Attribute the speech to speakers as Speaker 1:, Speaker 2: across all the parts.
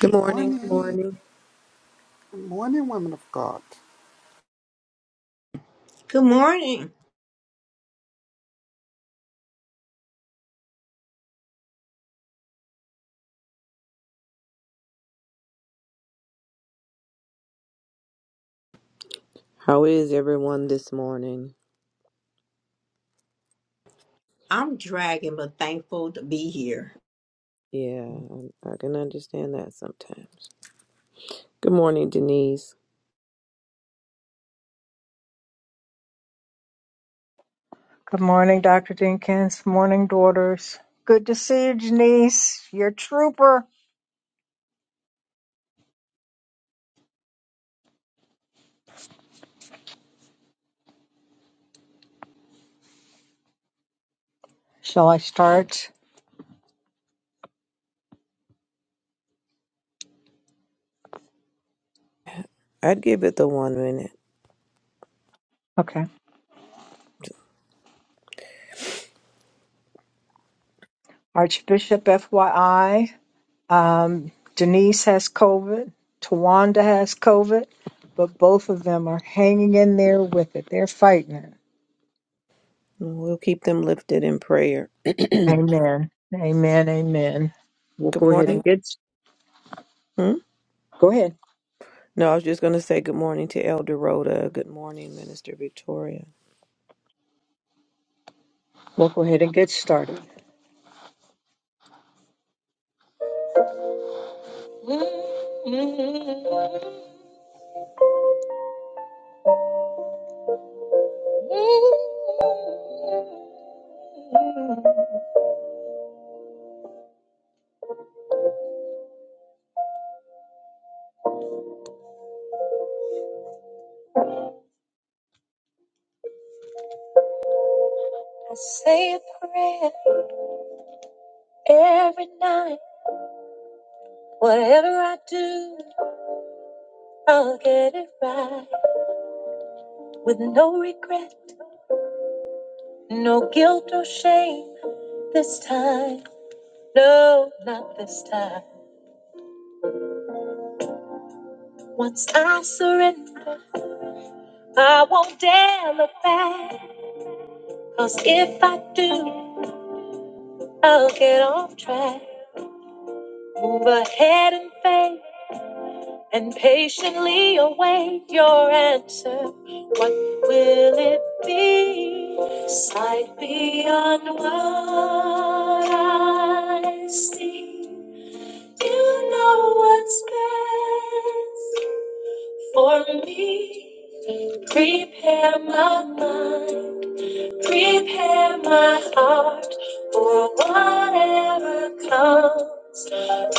Speaker 1: Good morning. Good
Speaker 2: Morning,
Speaker 1: morning.
Speaker 2: morning, women of God.
Speaker 3: Good morning.
Speaker 1: How is everyone this morning?
Speaker 3: I'm dragging, but thankful to be here.
Speaker 1: Yeah, I I can understand that sometimes. Good morning, Denise.
Speaker 4: Good morning, Dr. Dinkins. Morning, daughters. Good to see you, Janice. You're a trooper. Shall I start?
Speaker 1: I'd give it the one minute.
Speaker 4: Okay. Archbishop, FYI, um, Denise has COVID. Tawanda has COVID, but both of them are hanging in there with it. They're fighting it.
Speaker 1: We'll keep them lifted in prayer. good
Speaker 4: Amen. Amen. Amen. We'll go ahead
Speaker 1: morning.
Speaker 4: and get.
Speaker 1: Hmm?
Speaker 4: Go ahead.
Speaker 1: No, I was just going to say good morning to Elder Rhoda. Good morning, Minister Victoria.
Speaker 4: We'll go ahead and get started. I say a prayer every night. Whatever I do, I'll get it right. With no regret, no guilt or shame this time. No, not this time. Once I surrender, I won't dare look back. Cause if I do, I'll get off track. Move ahead in faith and patiently await your answer. What will it be? Sight beyond what I see. You know what's best for me. Prepare my mind Prepare my heart for whatever comes.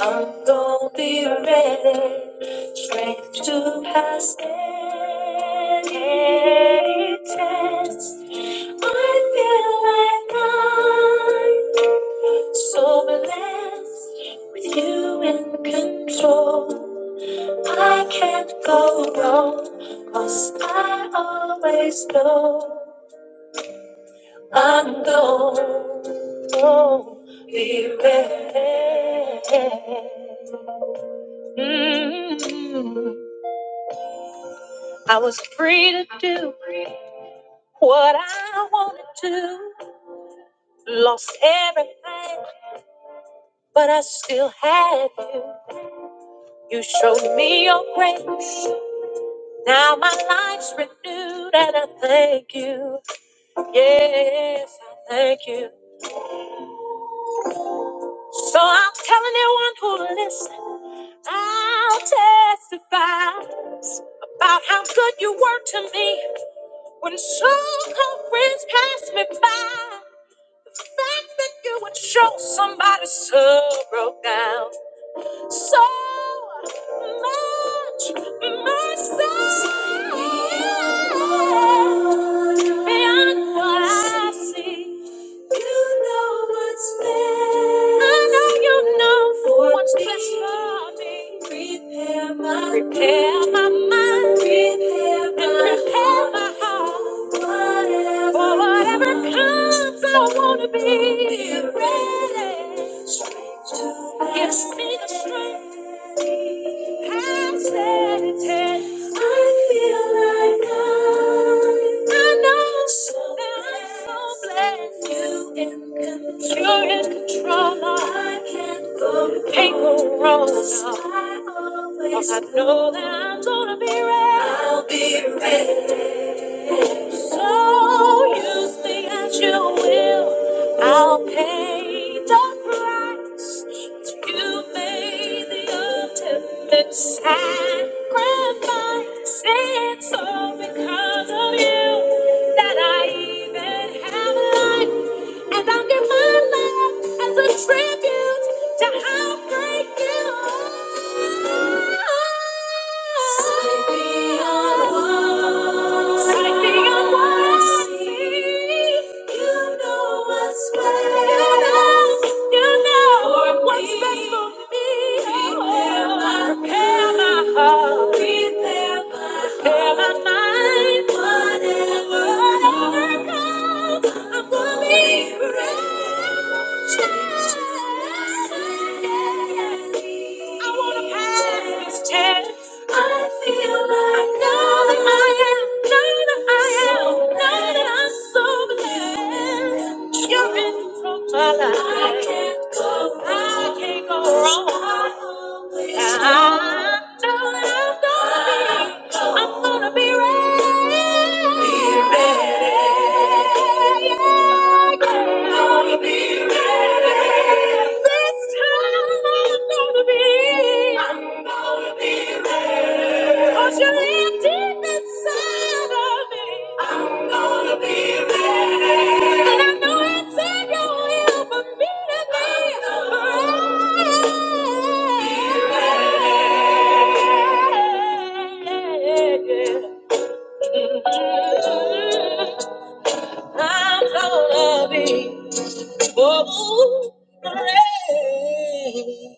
Speaker 4: I'm gonna be ready, strength to pass any test. I feel like I'm so blessed with you in control. I can't go wrong, cause I always know. I'm going to be ready. Mm. I was free to do what I wanted to. Lost everything, but I still had you. You showed me your grace. Now my life's renewed, and I thank you. Yes, I thank you. So I'm telling who'll you I'll testify about how good you were to me when suffering passed me by. The fact that you would show somebody so broke down, so much mercy beyond what I see. You know what's best. I know you know for what's me. best for me. Prepare my prepare my mind. Prepare and my and prepare my heart. Whatever for whatever comes, I wanna be, be ready. Straight to Gives me the strength. Past that it is. I feel like I. I know. so now. You're in control. I can't go wrong. Can't go wrong. now. I always- 'Cause I know that I'm gonna be ready. I'll be ready. So you think that you will? I'll pay the price. You made the ultimate sacrifice. It's all because of you that I even have life, and I'll give my life as a tribute to how great you are. Sight beyond words. Sight beyond You know what's best. You know. You know what's best for me. Prepare my Prepare my heart. Prepare my Prepare my mind. Whatever comes, I'm to be ready. I wanna pass this test. I feel like now that I am, now that I am, now that I'm so blessed. You're in control of my life. I can't go wrong. I can't go wrong. Yeah, I know that I'm gonna be, I'm gonna be ready. Be ready. Yeah, yeah. I'm gonna be this time I'm gonna be. I'm gonna be ready. you you're deep inside of me. I'm gonna be ready. And I know it's in your will for me to be I'm gonna Be ready. ready. I'm gonna be. Oh, rain.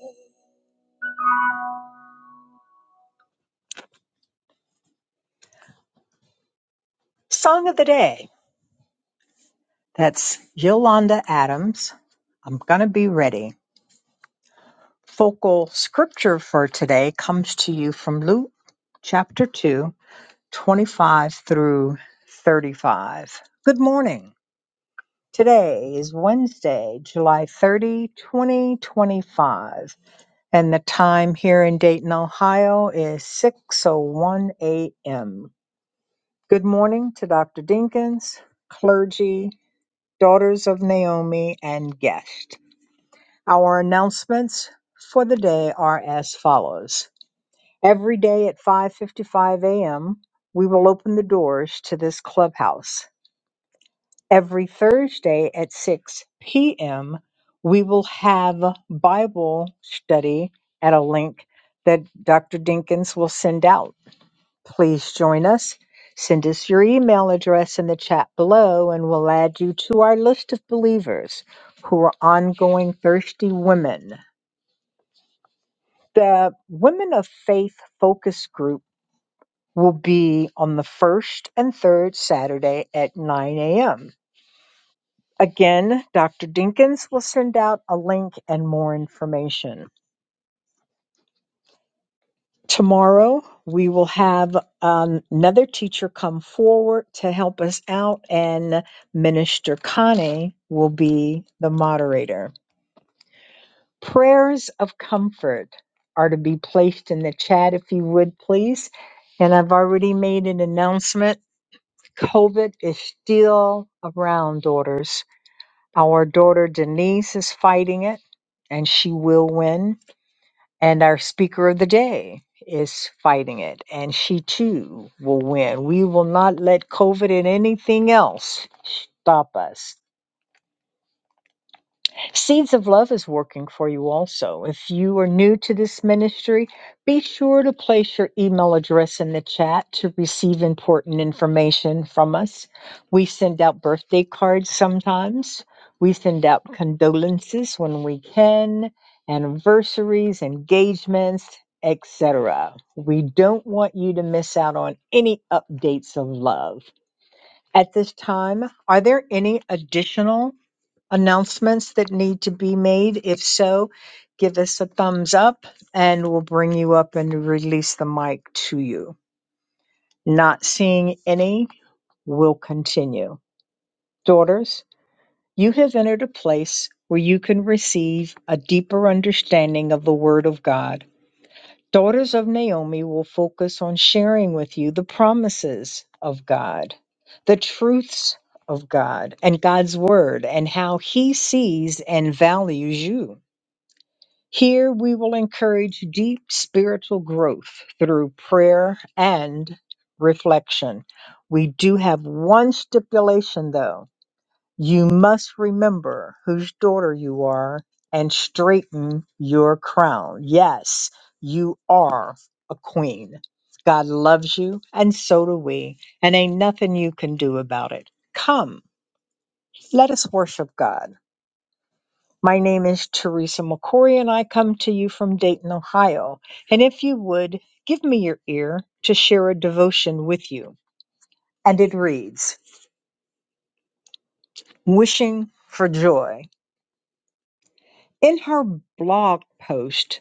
Speaker 4: Song of the day. That's Yolanda Adams. I'm gonna be ready. Focal scripture for today comes to you from Luke chapter 2, 25 through 35. Good morning. Today is Wednesday, July 30, 2025, and the time here in Dayton, Ohio is 6:01 a.m. Good morning to Dr. Dinkins, clergy, daughters of Naomi, and guest. Our announcements for the day are as follows. Every day at 5:55 a.m., we will open the doors to this clubhouse. Every Thursday at 6 p.m., we will have Bible study at a link that Dr. Dinkins will send out. Please join us. Send us your email address in the chat below, and we'll add you to our list of believers who are ongoing thirsty women. The Women of Faith focus group will be on the first and third Saturday at 9 a.m. Again, Dr. Dinkins will send out a link and more information. Tomorrow, we will have um, another teacher come forward to help us out, and Minister Connie will be the moderator. Prayers of comfort are to be placed in the chat if you would please. And I've already made an announcement. COVID is still around, daughters. Our daughter Denise is fighting it, and she will win. And our speaker of the day is fighting it, and she too will win. We will not let COVID and anything else stop us. Seeds of Love is working for you also. If you are new to this ministry, be sure to place your email address in the chat to receive important information from us. We send out birthday cards sometimes, we send out condolences when we can, anniversaries, engagements, etc. We don't want you to miss out on any updates of love. At this time, are there any additional? announcements that need to be made? If so, give us a thumbs up and we'll bring you up and release the mic to you. Not seeing any, we'll continue. Daughters, you have entered a place where you can receive a deeper understanding of the Word of God. Daughters of Naomi will focus on sharing with you the promises of God, the truths of God, and God's Word, and how He sees and values you. Here we will encourage deep spiritual growth through prayer and reflection. We do have one stipulation though. You must remember whose daughter you are and straighten your crown. Yes, you are a queen. God loves you, and so do we, and ain't nothing you can do about it. Come, let us worship God. My name is Teresa McCory, and I come to you from Dayton, Ohio. And if you would, give me your ear to share a devotion with you. And it reads Wishing for Joy. In her blog post,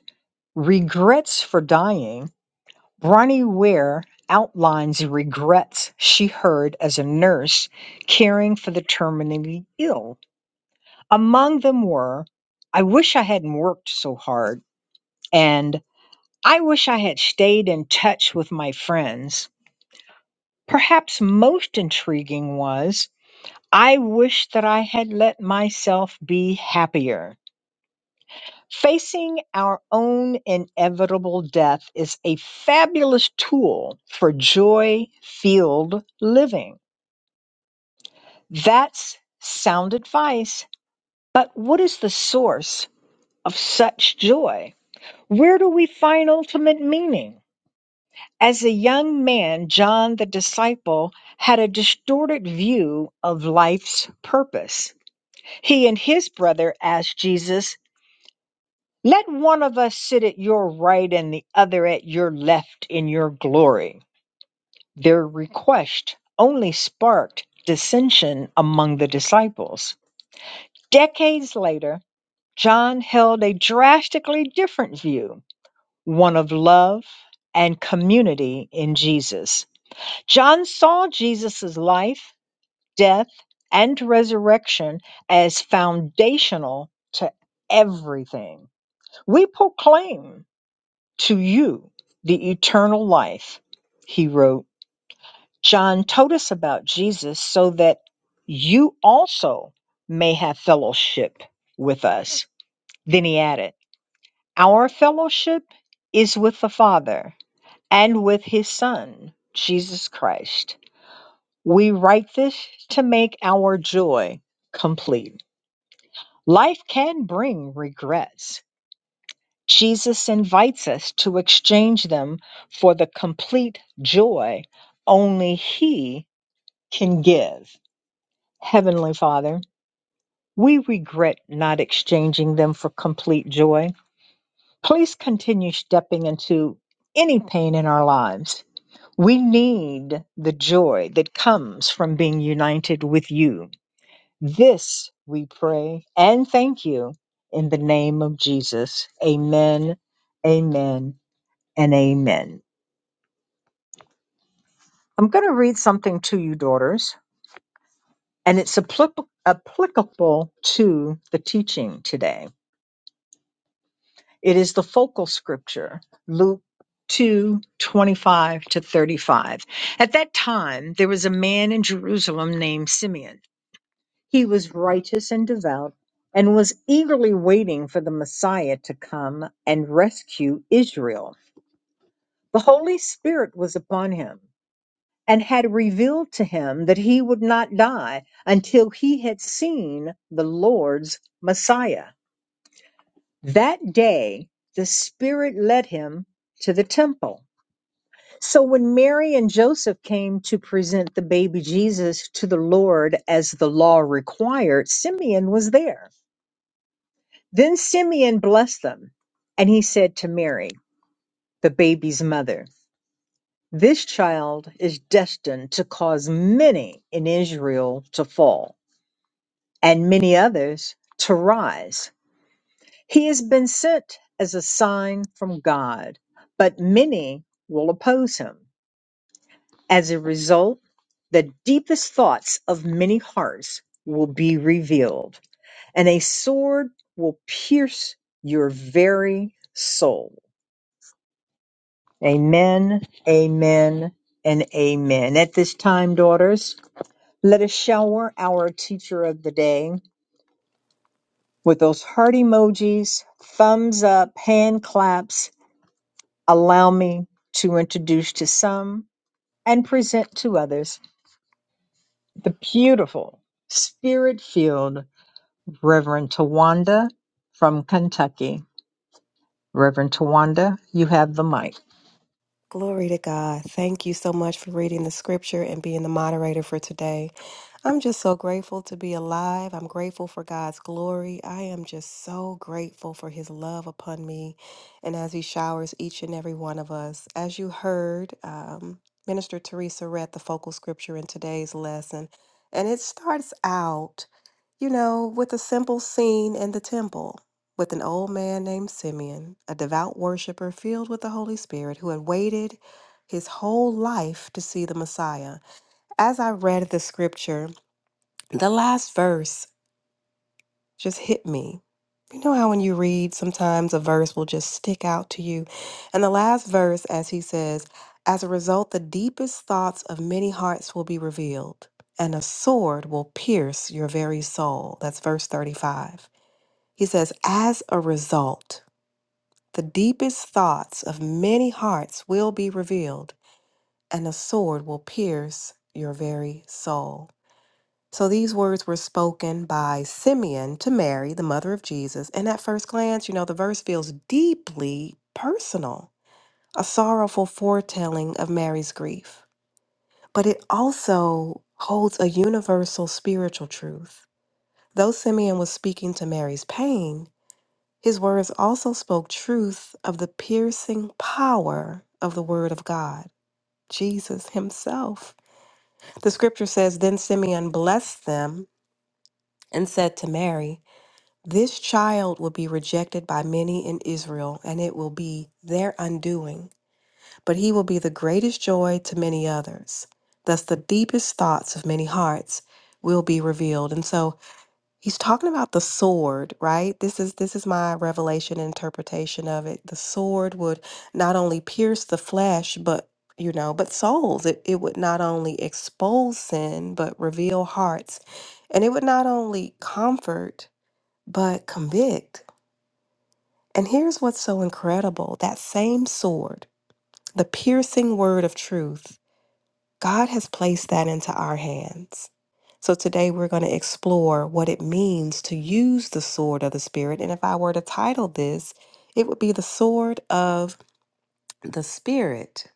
Speaker 4: Regrets for Dying, Bronnie Ware outlines regrets she heard as a nurse caring for the terminally ill. Among them were I wish I hadn't worked so hard, and I wish I had stayed in touch with my friends. Perhaps most intriguing was I wish that I had let myself be happier. Facing our own inevitable death is a fabulous tool for joy filled living. That's sound advice. But what is the source of such joy? Where do we find ultimate meaning? As a young man, John the Disciple had a distorted view of life's purpose. He and his brother asked Jesus, Let one of us sit at your right and the other at your left in your glory. Their request only sparked dissension among the disciples. Decades later, John held a drastically different view, one of love and community in Jesus. John saw Jesus' life, death, and resurrection as foundational to everything. We proclaim to you the eternal life, he wrote. John told us about Jesus so that you also may have fellowship with us. Then he added, Our fellowship is with the Father and with his Son, Jesus Christ. We write this to make our joy complete. Life can bring regrets. Jesus invites us to exchange them for the complete joy only He can give. Heavenly Father, we regret not exchanging them for complete joy. Please continue stepping into any pain in our lives. We need the joy that comes from being united with you. This we pray and thank you in the name of Jesus. Amen, amen, and amen. I'm going to read something to you, daughters, and it's appli- applicable to the teaching today. It is the focal scripture, Luke. 2 25 to 35. At that time, there was a man in Jerusalem named Simeon He was righteous and devout and was eagerly waiting for the Messiah to come and rescue Israel. The Holy Spirit was upon him and had revealed to him that he would not die until he had seen the Lord's Messiah. That day, the Spirit led him to the temple. So when Mary and Joseph came to present the baby Jesus to the Lord as the law required, Simeon was there. Then Simeon blessed them, and he said to Mary, the baby's mother, This child is destined to cause many in Israel to fall, and many others to rise. He has been sent as a sign from God, but many will oppose him. As a result, the deepest thoughts of many hearts will be revealed, and a sword will pierce your very soul. Amen, amen, and amen. At this time, daughters, let us shower our teacher of the day with those heart emojis, thumbs up, hand claps. Allow me to introduce to some and present to others the beautiful, spirit filled Reverend Tawanda from Kentucky. Reverend Tawanda, you have the mic.
Speaker 5: Glory to God. Thank you so much for reading the scripture and being the moderator for today. I'm just so grateful to be alive. I'm grateful for God's glory. I am just so grateful for His love upon me and as He showers each and every one of us. As you heard, um, Minister Teresa read the focal scripture in today's lesson, and it starts out, you know, with a simple scene in the temple with an old man named Simeon, a devout worshiper filled with the Holy Spirit who had waited his whole life to see the Messiah. As I read the scripture, the last verse just hit me. You know how when you read, sometimes a verse will just stick out to you. And the last verse, as he says, as a result, the deepest thoughts of many hearts will be revealed, and a sword will pierce your very soul. That's verse 35. He says, as a result, the deepest thoughts of many hearts will be revealed, and a sword will pierce your very soul. So these words were spoken by Simeon to Mary, the mother of Jesus. And at first glance, you know, the verse feels deeply personal, a sorrowful foretelling of Mary's grief. But it also holds a universal spiritual truth. Though Simeon was speaking to Mary's pain, his words also spoke truth of the piercing power of the Word of God, Jesus Himself. The scripture says, Then Simeon blessed them and said to Mary, This child will be rejected by many in Israel, and it will be their undoing. But he will be the greatest joy to many others. Thus, the deepest thoughts of many hearts will be revealed. And so, he's talking about the sword, right? This is this is my revelation and interpretation of it. The sword would not only pierce the flesh, but you know, but souls. It, it would not only expose sin, but reveal hearts. And it would not only comfort, but convict. And here's what's so incredible that same sword, the piercing word of truth, God has placed that into our hands. So today we're going to explore what it means to use the sword of the Spirit. And if I were to title this, it would be the sword of the Spirit,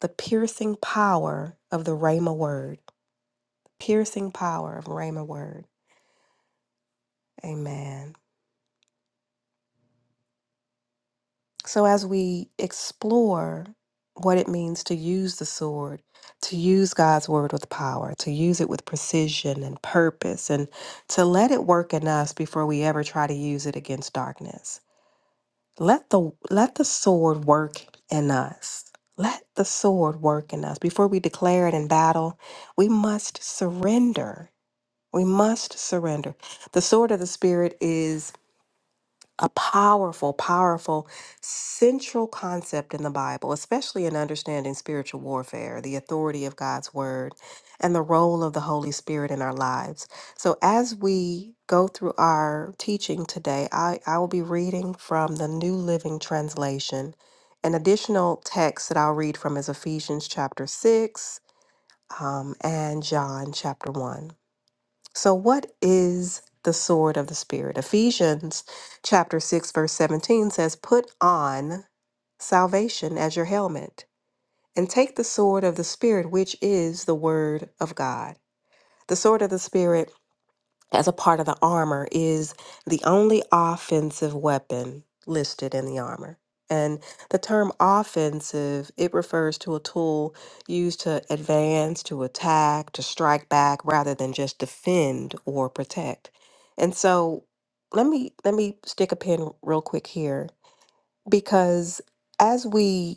Speaker 5: the piercing power of the Rhema word, piercing power of Rhema word. Amen. So, as we explore what it means to use the sword, to use God's word with power, to use it with precision and purpose, and to let it work in us before we ever try to use it against darkness. Let the let the sword work in us. Let the sword work in us. Before we declare it in battle, we must surrender. We must surrender. The sword of the spirit is a powerful, powerful central concept in the Bible, especially in understanding spiritual warfare, the authority of God's word, and the role of the Holy Spirit in our lives. So, as we go through our teaching today, I, I will be reading from the New Living Translation. An additional text that I'll read from is Ephesians chapter 6 um, and John chapter 1. So, what is the sword of the Spirit? Ephesians chapter 6, verse 17 says, Put on salvation as your helmet, and take the sword of the Spirit, which is the word of God. The sword of the Spirit as a part of the armor is the only offensive weapon listed in the armor. And the term offensive, it refers to a tool used to advance, to attack, to strike back rather than just defend or protect. And so let me let me stick a pin real quick here because as we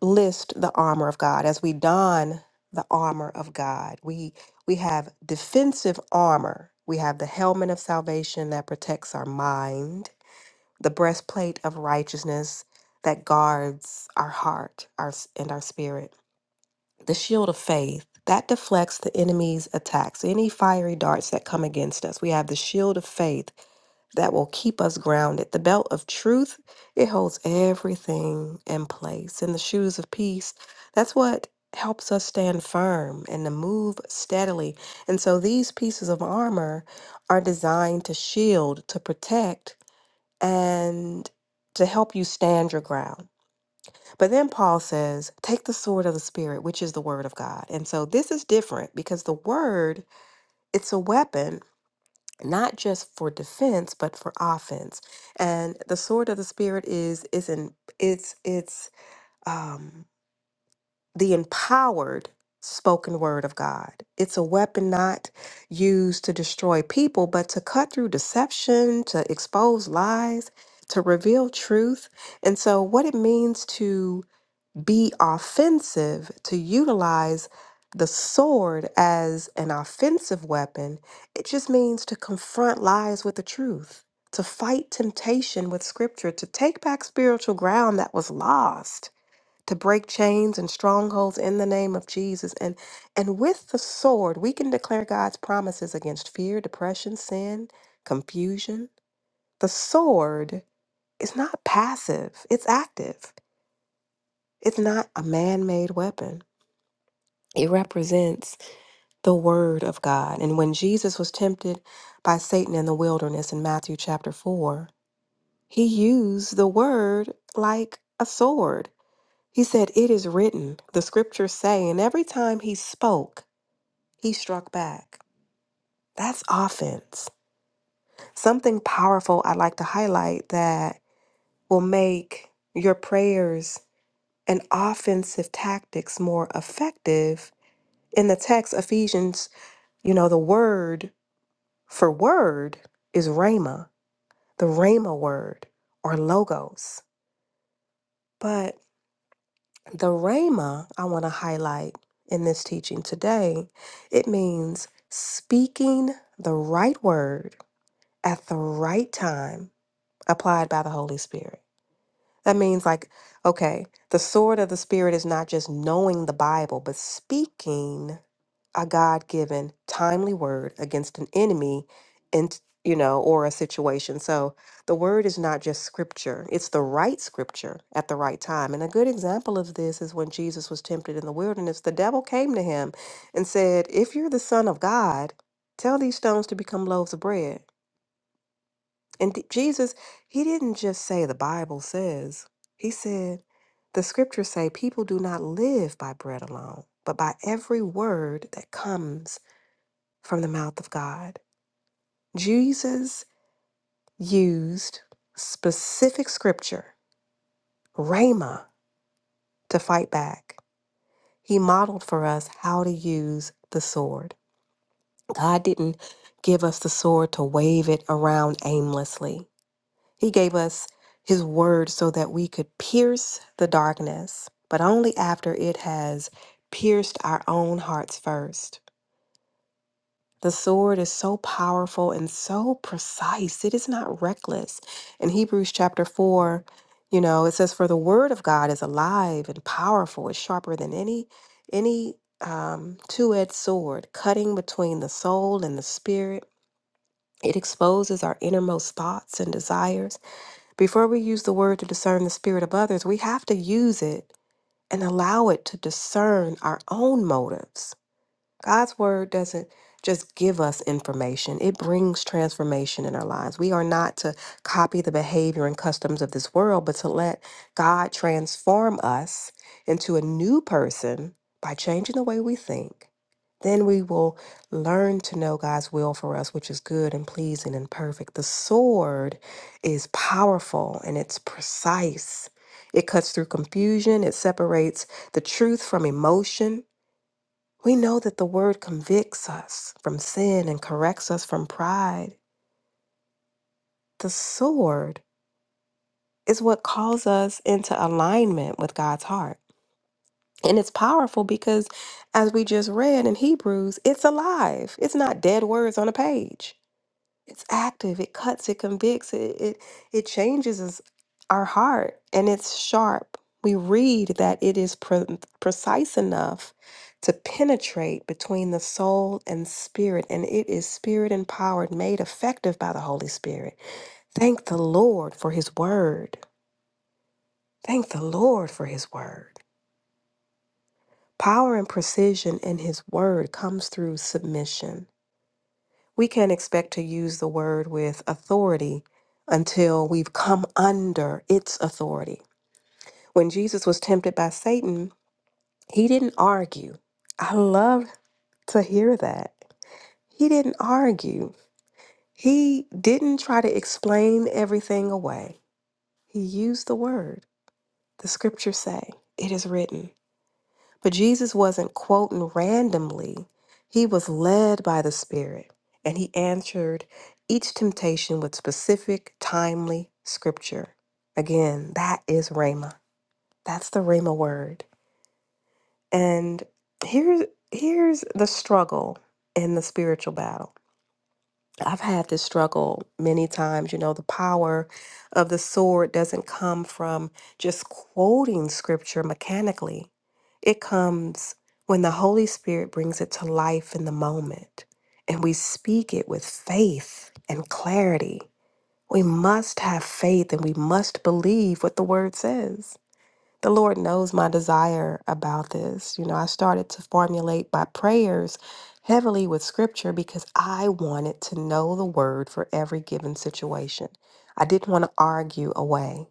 Speaker 5: list the armor of God. As we don the armor of God, we we have defensive armor. We have the helmet of salvation that protects our mind, the breastplate of righteousness that guards our heart, our s- and our spirit the shield of faith that deflects the enemy's attacks any fiery darts that come against us we have the shield of faith that will keep us grounded the belt of truth it holds everything in place and the shoes of peace that's what helps us stand firm and to move steadily and so these pieces of armor are designed to shield to protect and to help you stand your ground but then Paul says, take the sword of the Spirit, which is the word of God. And so this is different because the word, it's a weapon, not just for defense, but for offense. And the sword of the Spirit is is in it's it's um the empowered spoken word of God. It's a weapon not used to destroy people, but to cut through deception, to expose lies, to reveal truth. And so what it means to be offensive, to utilize the sword as an offensive weapon, it just means to confront lies with the truth, to fight temptation with scripture, to take back spiritual ground that was lost, to break chains and strongholds in the name of Jesus. And and with the sword, we can declare God's promises against fear, depression, sin, confusion. The sword is not passive, it's active. It's not a man-made weapon. It represents the Word of God. And when Jesus was tempted by Satan in the wilderness in Matthew chapter 4, he used the Word like a sword. He said, It is written, the scriptures say. And every time he spoke, he struck back. That's offense. Something powerful I'd like to highlight that will make your prayers and offensive tactics more effective. In the text, Ephesians, you know, the Word For word is rhema, the rhema word or logos. But the rhema I want to highlight in this teaching today, it means speaking the right word at the right time applied by the Holy Spirit. That means like okay, the sword of the spirit is not just knowing the Bible, but speaking a God given timely word against an enemy and you know or a situation. So the word is not just scripture, it's the right scripture at the right time. And a good example of this is when Jesus was tempted in the wilderness, the devil came to him and said, "If you're the son of God, tell these stones to become loaves of bread." And D- Jesus, he didn't just say the Bible says. He said, the scriptures say people do not live by bread alone, but by every word that comes from the mouth of God. Jesus used specific scripture, Rhema, to fight back. He modeled for us how to use the sword. God didn't give us the sword to wave it around aimlessly. He gave us his word so that we could pierce the darkness, but only after it has pierced our own hearts first. The sword is so powerful and so precise. It is not reckless. In Hebrews chapter 4, you know, it says, For the word of God is alive and powerful, it's sharper than any, any um, two edged sword, cutting between the soul and the spirit. It exposes our innermost thoughts and desires. Before we use the word to discern the spirit of others, we have to use it and allow it to discern our own motives. God's word doesn't just give us information, it brings transformation in our lives. We are not to copy the behavior and customs of this world, but to let God transform us into a new person by changing the way we think. Then we will learn to know God's will for us, which is good and pleasing and perfect. The sword is powerful and it's precise. It cuts through confusion, it separates the truth from emotion, we know that the word convicts us from sin and corrects us from pride. The sword is what calls us into alignment with God's heart. And it's powerful because, as we just read in Hebrews, it's alive, it's not dead words on a page. it's active it cuts it convicts it it, it changes us, our heart and it's sharp we read that it is pre- precise enough to penetrate between the soul and spirit and it is spirit empowered made effective by the holy spirit thank the lord for his word thank the lord for his word power and precision in his word comes through submission We can't expect to use the word with authority until we've come under its authority. When Jesus was tempted by Satan, he didn't argue. I love to hear that. He didn't argue. He didn't try to explain everything away. He used the word. The scriptures say, It is written. But Jesus wasn't quoting randomly, he was led by the Spirit, and he answered each temptation with specific, timely scripture. Again, that is Rhema. That's the Rhema word. And here, here's the struggle in the spiritual battle. I've had this struggle many times. You know, the power of the sword doesn't come from just quoting scripture mechanically, it comes when the Holy Spirit brings it to life in the moment and we speak it with faith and clarity. We must have faith and we must believe what the word says. The Lord knows my desire about this. You know, I started to formulate my prayers heavily with scripture because I wanted to know the word for every given situation. I didn't want to argue away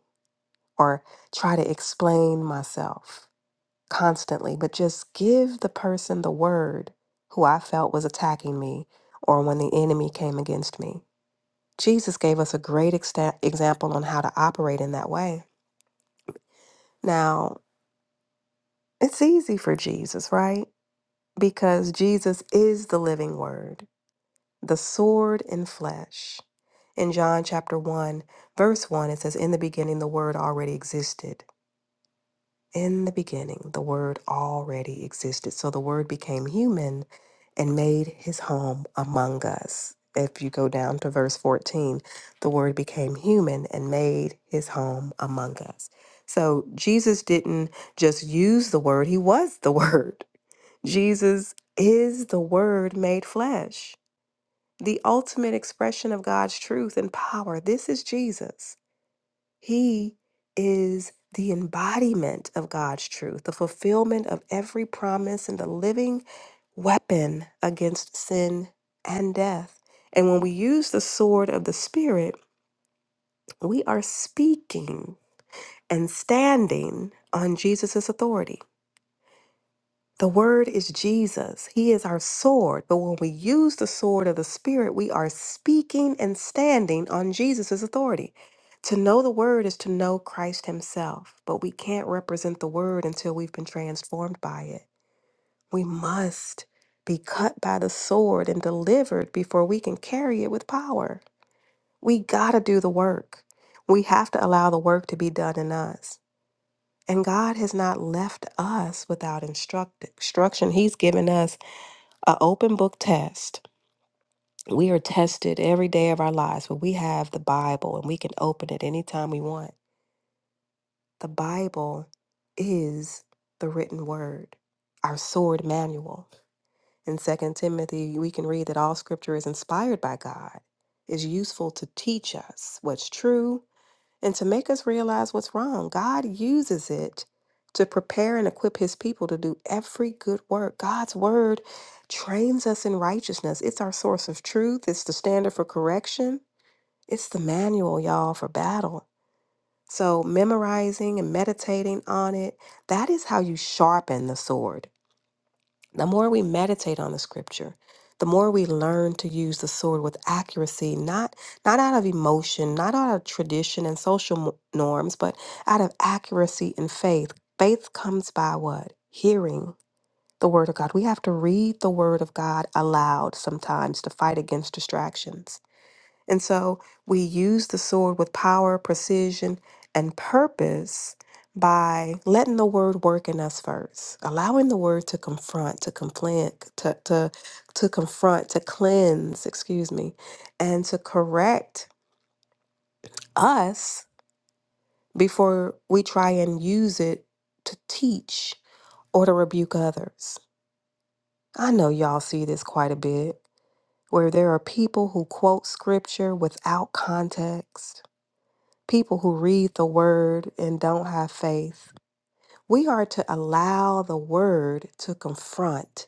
Speaker 5: or try to explain myself constantly, but just give the person the word who I felt was attacking me or when the enemy came against me. Jesus gave us a great exta- example on how to operate in that way. Now, it's easy for Jesus, right? because Jesus is the living word, the sword in flesh. In John chapter 1, verse 1, it says, In the beginning, the word already existed. In the beginning, the word already existed. So the word became human and made his home among us. If you go down to verse 14, the word became human and made his home among us. So Jesus didn't just use the word, he was the word. Jesus is the Word made flesh, the ultimate expression of God's truth and power. This is Jesus. He is the embodiment of God's truth, the fulfillment of every promise, and the living weapon against sin and death. And when we use the sword of the Spirit, we are speaking and standing on Jesus' authority. The word is Jesus. He is our sword. But when we use the sword of the Spirit, we are speaking and standing on Jesus' authority. To know the word is to know Christ himself, but we can't represent the word until we've been transformed by it. We must be cut by the sword and delivered before we can carry it with power. We got to do the work. We have to allow the work to be done in us. And God has not left us without instruct- instruction. He's given us a open book test. We are tested every day of our lives, but we have the Bible and we can open it anytime we want. The Bible is the written word, our sword manual. In Second Timothy, we can read that all scripture is inspired by God, is useful to teach us what's true and to make us realize what's wrong. God uses it to prepare and equip his people to do every good work. God's word trains us in righteousness. It's our source of truth, it's the standard for correction, it's the manual, y'all, for battle. So, memorizing and meditating on it, that is how you sharpen the sword. The more we meditate on the scripture, the more we learn to use the sword with accuracy, not not out of emotion, not out of tradition and social mo- norms, but out of accuracy and faith. Faith comes by what? Hearing the word of God. We have to read the word of God aloud sometimes to fight against distractions. And so we use the sword with power, precision, and purpose by letting the word work in us first, allowing the word to confront, to conflict, to, to, to confront, to cleanse, excuse me, and to correct us before we try and use it to teach or to rebuke others. I know y'all see this quite a bit where there are people who quote scripture without context people who read the word and don't have faith. We are to allow the word to confront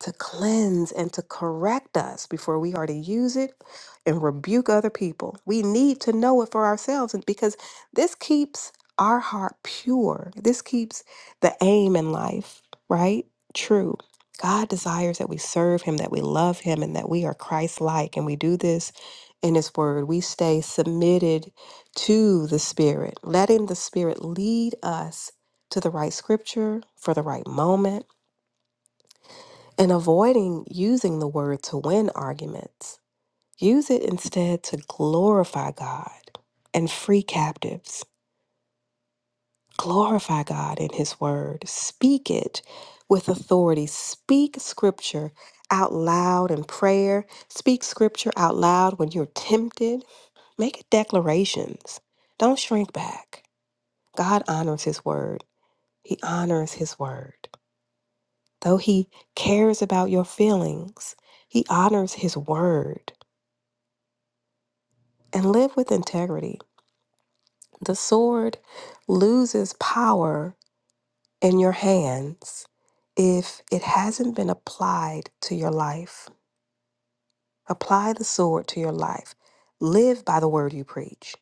Speaker 5: to cleanse and to correct us before we are to use it and rebuke other people. We need to know it for ourselves and because this keeps our heart pure. This keeps the aim in life, right? True. God desires that we serve him, that we love him and that we are Christ-like and we do this in his word. We stay submitted to the spirit, letting the spirit lead us to the right scripture for the right moment and avoiding using the word to win arguments. Use it instead to glorify God and free captives. Glorify God in His Word. Speak it with authority. Speak Scripture out loud in prayer. Speak Scripture out loud when you're tempted. Make declarations. Don't shrink back. God honors His Word. He honors His Word. Though He cares about your feelings, He honors His Word. and live with integrity. The sword loses power in your hands if it hasn't been applied to your life. Apply the sword to your life. Live by the word you preach.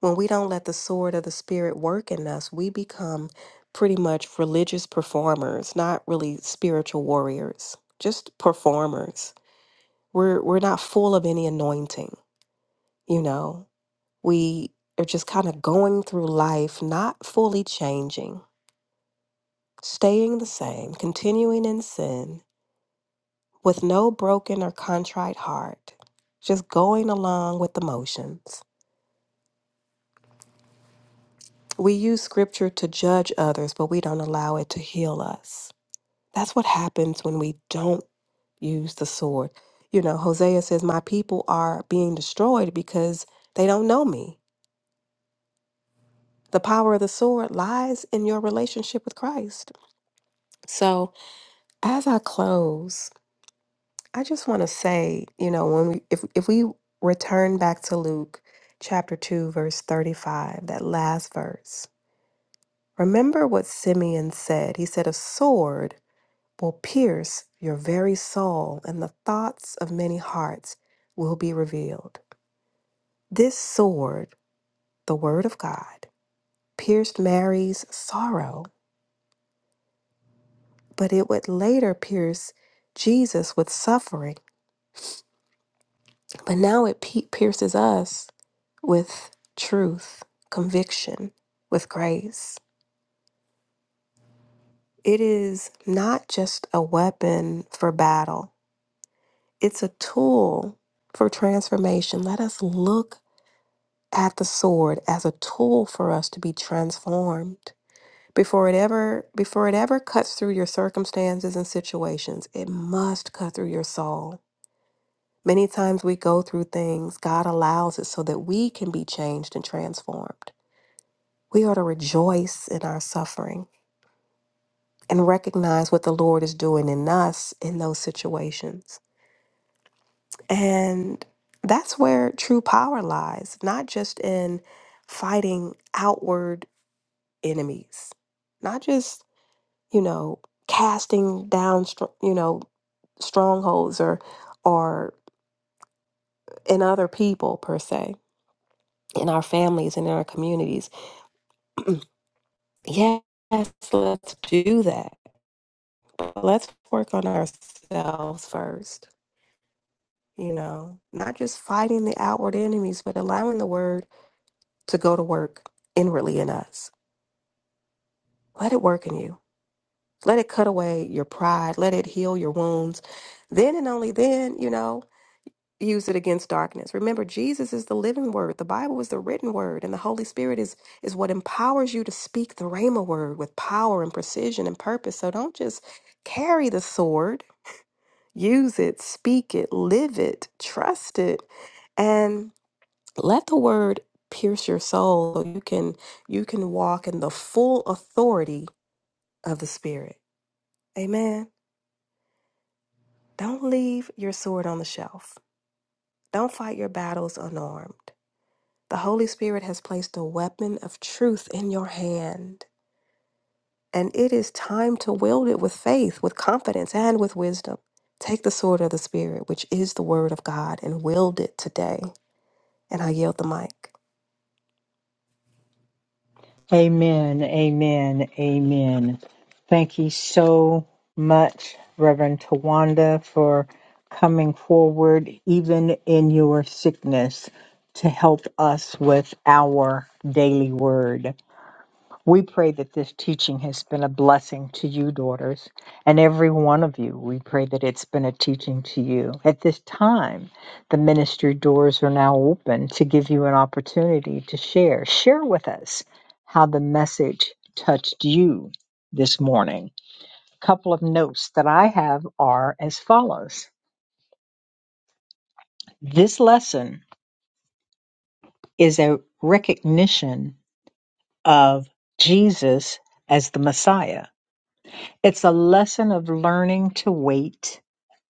Speaker 5: When we don't let the sword of the Spirit work in us, we become pretty much religious performers, not really spiritual warriors, just performers. We're, we're not full of any anointing, you know? We are just kind of going through life, not fully changing, staying the same, continuing in sin with no broken or contrite heart, just going along with the motions. We use scripture to judge others, but we don't allow it to heal us. That's what happens when we don't use the sword. You know, Hosea says, My people are being destroyed because they don't know me. The power of the sword lies in your relationship with Christ. So, As I close, I just want to say, you know, when we if if we return back to Luke chapter 2 verse 35, that last verse. Remember what Simeon said. He said a sword will pierce your very soul and the thoughts of many hearts will be revealed. This sword, the word of God, pierced Mary's sorrow, but it would later pierce Jesus with suffering But now it pe- pierces us with truth, conviction, with grace. It is not just a weapon for battle, it's a tool for transformation. Let us look at the sword as a tool for us to be transformed. Before it ever before it ever cuts through your circumstances and situations, it must cut through your soul. Many times we go through things, God allows it so that we can be changed and transformed. We are to rejoice in our suffering and recognize what the Lord is doing in us in those situations. And that's where true power lies, not just in fighting outward enemies, not just, you know, casting down, str- you know, strongholds or, or in other people per se, in our families and in our communities. yes, let's do that. Let's work on ourselves first you know, not just fighting the outward enemies, but allowing the word to go to work inwardly in us. Let it work in you. Let it cut away your pride. Let it heal your wounds. Then and only then, you know, use it against darkness. Remember, Jesus is the living word. The Bible is the written word, and the Holy Spirit is is what empowers you to speak the Rhema word with power and precision and purpose. So don't just carry the sword. Use it, speak it, live it, trust it, and let the word pierce your soul so you can you can walk in the full authority of the spirit amen don't leave your sword on the shelf don't fight your battles unarmed the holy spirit has placed a weapon of truth in your hand and it is time to wield it with faith with confidence and with wisdom take the sword of the spirit which is the word of god and wield it today and i yield the mic
Speaker 4: Amen, amen, amen. Thank you so much, Reverend Tawanda, for coming forward, even in your sickness, to help us with our daily word. We pray that this teaching has been a blessing to you, daughters, and every one of you. We pray that it's been a teaching to you. At this time, the ministry doors are now open to give you an opportunity to share. Share with us how the message touched you this morning. A couple of notes that I have are as follows This lesson is a recognition of Jesus as the Messiah It's a lesson of learning to wait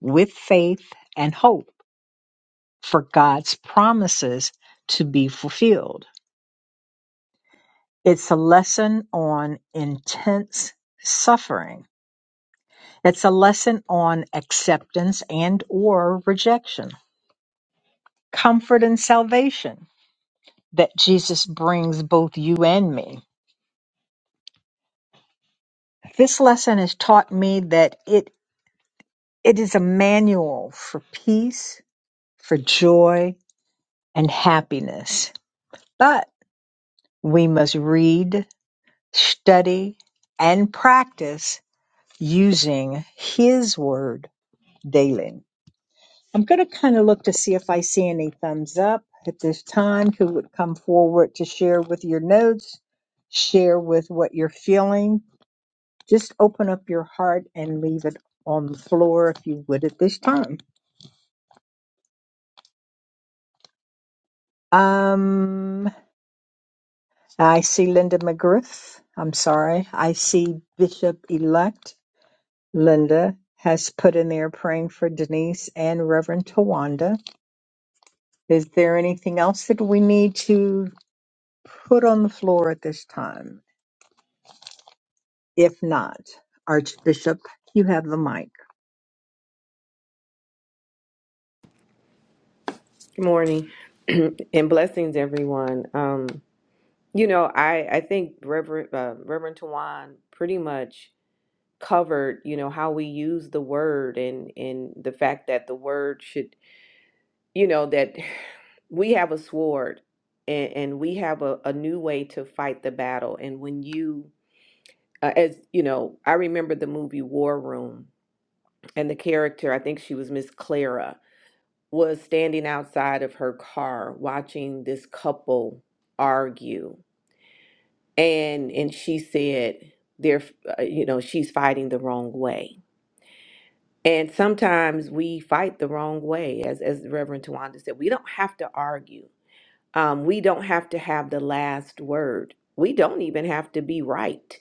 Speaker 4: with faith and hope for God's promises to be fulfilled. It's a lesson on intense suffering. It's a lesson on acceptance and or rejection. Comfort and salvation that Jesus brings both you and me. This lesson has taught me that it it is a manual for peace, for joy and happiness. but. We must read, study, and practice using His Word daily. I'm going to kind of look to see if I see any thumbs up at this time. Who would come forward to share with your notes, share with what you're feeling? Just open up your heart and leave it on the floor if you would at this time. Um, I see Linda McGriff. I'm sorry. I see Bishop elect. Linda has put in there praying for Denise and Reverend Tawanda. Is there anything else that we need to put on the floor at this time? If not, Archbishop, you have the mic.
Speaker 1: Good morning and blessings, everyone. Um, you know, I, I think Reverend uh, Reverend Tawan pretty much. covered you know how we use the word and and the fact that the word should you know that we have a sword and, and we have a, a new way to fight the battle and when you uh, as you know i remember the movie war room and the character i think she was miss clara was standing outside of her car watching this couple argue and and she said they're uh, you know she's fighting the wrong way And sometimes we fight the wrong way, as, as Reverend Tawanda said. We don't have to argue. Um, we don't have to have the last word. We don't even have to be right.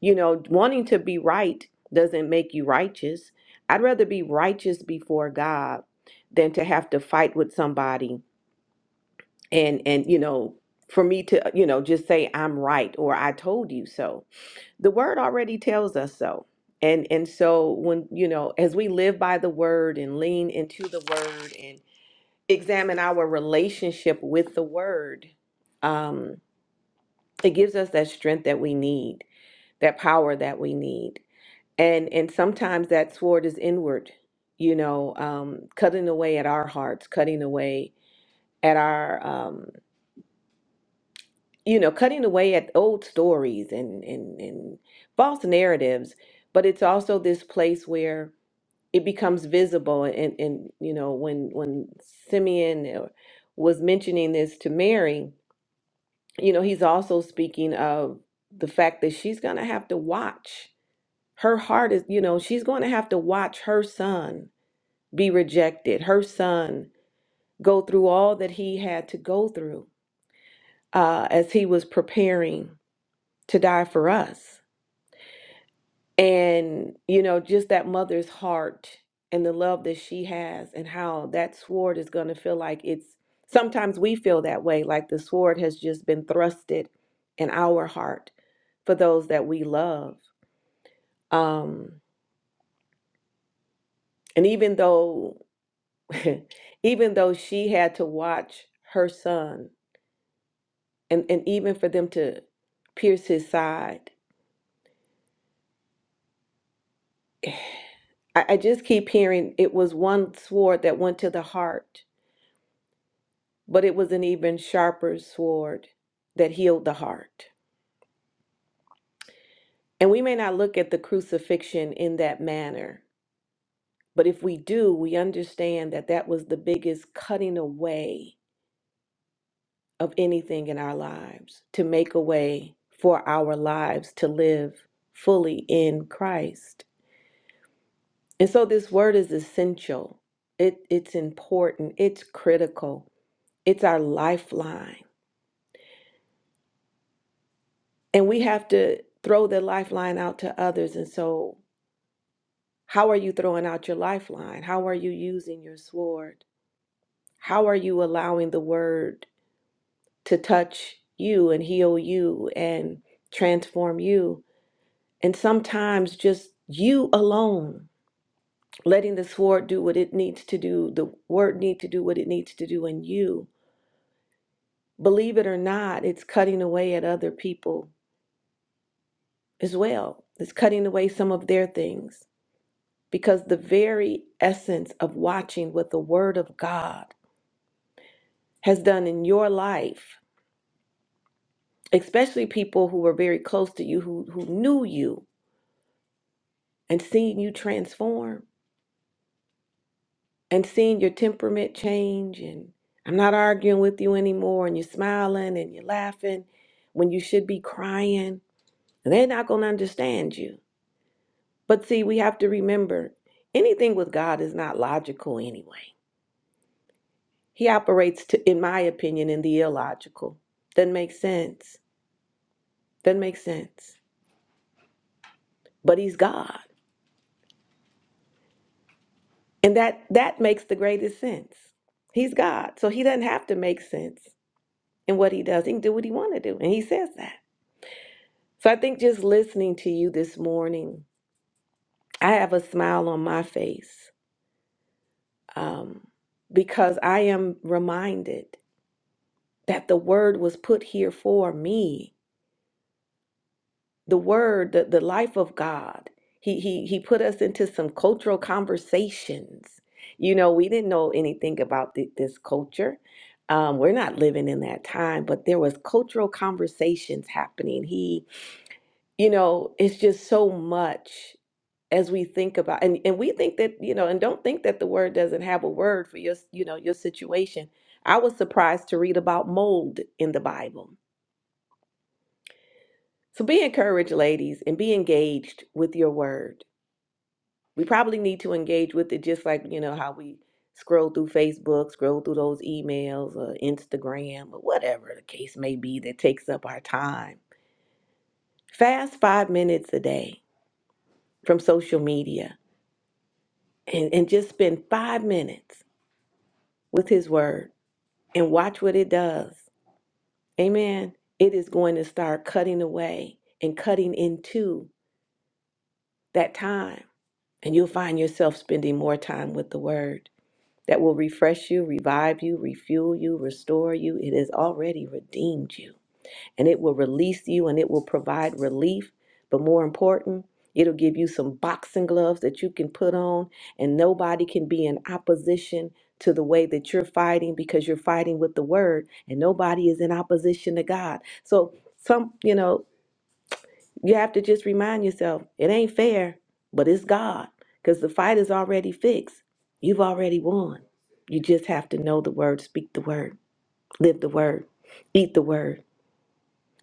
Speaker 1: You know, wanting to be right doesn't make you righteous. I'd rather be righteous before God than to have to fight with somebody and and you know for me to you know just say I'm right or I told you so the word already tells us so and and so when you know as we live by the word and lean into the word and examine our relationship with the word um it gives us that strength that we need that power that we need and and sometimes that sword is inward you know um cutting away at our hearts cutting away at our um you know cutting away at old stories and and and false narratives but it's also this place where it becomes visible and and you know when when Simeon uh, was mentioning this to Mary, you know, he's also speaking of the fact that she's going to have to watch. Her heart is, you know, she's going to have to watch her son be rejected, her son go through all that he had to go through uh, as he was preparing to die for us. and you know just that mother's heart and the love that she has and how that sword is going to feel like it's sometimes we feel that way like the sword has just been thrusted in our heart for those that we love um and even though even though she had to watch her son and and even for them to pierce his side I, I just keep hearing it was one sword that went to the heart but it was an even sharper sword that healed the heart. And we may not look at the crucifixion in that manner, but if we do, we understand that that was the biggest cutting away of anything in our lives to make a way for our lives to live fully in Christ. And so this word is essential. It it's important, it's critical. It's our lifeline. And we have to throw the lifeline out to others. And so How are you throwing out your lifeline? How are you using your sword? How are you allowing the word to touch you and heal you and transform you? And sometimes just you alone, letting the sword do what it needs to do, the word need to do what it needs to do in you. Believe it or not, it's cutting away at other people as well. It's cutting away some of their things because the very essence of watching with the word of God has done in your life, especially people who were very close to you, who, who knew you and seen you transform and seen your temperament change. And I'm not arguing with you anymore. And you're smiling and you're laughing when you should be crying. And they're not going to understand you. But see, we have to remember anything with God is not logical anyway. He operates, to, in my opinion, in the illogical. Doesn't make sense. Doesn't make sense. But he's God. And that that makes the greatest sense. He's God, so he doesn't have to make sense in what he does. He can do what he want to do, and he says that. So I think just listening to you this morning, I have a smile on my face um, because I am reminded that the word was put here for me the word the, the life of god he he he put us into some cultural conversations you know we didn't know anything about thi- this culture um, we're not living in that time but there was cultural conversations happening he you know it's just so much as we think about and, and we think that you know and don't think that the word doesn't have a word for your you know your situation i was surprised to read about mold in the bible so be encouraged ladies and be engaged with your word we probably need to engage with it just like you know how we scroll through facebook scroll through those emails or instagram or whatever the case may be that takes up our time fast five minutes a day from social media and, and just spend five minutes with his word and watch what it does amen it is going to start cutting away and cutting into that time and you'll find yourself spending more time with the word that will refresh you, revive you, refuel you, restore you. It has already redeemed you and it will release you and it will provide relief. But more important, it'll give you some boxing gloves that you can put on and nobody can be in opposition to the way that you're fighting because you're fighting with the word and nobody is in opposition to God. So some, you know, you have to just remind yourself it ain't fair, but it's God because the fight is already fixed. You've already won. You just have to know the word, speak the word, live the word, eat the word,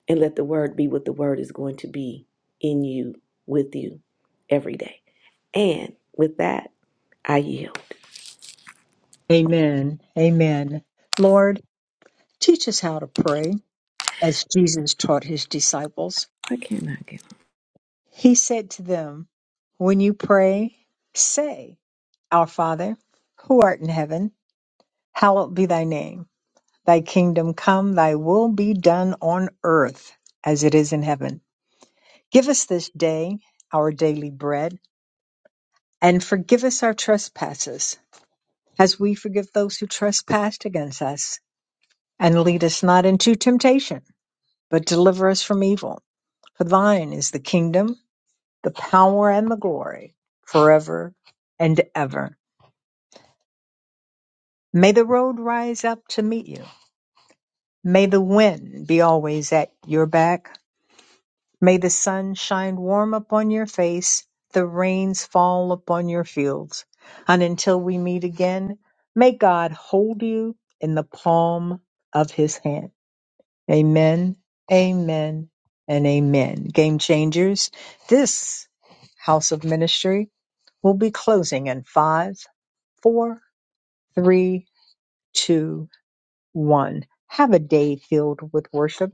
Speaker 1: and let the word be what the word is going to be in you, with you, every day. And with that, I yield.
Speaker 4: Amen. Amen. Lord, teach us how to pray as Jesus taught his disciples.
Speaker 1: I cannot get.
Speaker 4: He said to them, When you pray, say, Our Father, who art in heaven, hallowed be thy name. Thy kingdom come, thy will be done on earth as it is in heaven. Give us this day our daily bread, and forgive us our trespasses, as we forgive those who trespass against us. And lead us not into temptation, but deliver us from evil. For thine is the kingdom, the power, and the glory, forever and ever. May the road rise up to meet you. May the wind be always at your back May the sun shine warm upon your face, the rains fall upon your fields. And until we meet again, may God hold you in the palm of his hand. Amen, amen, and amen. Game changers, this house of ministry will be closing in five, four, three, two, one. Have a day filled with worship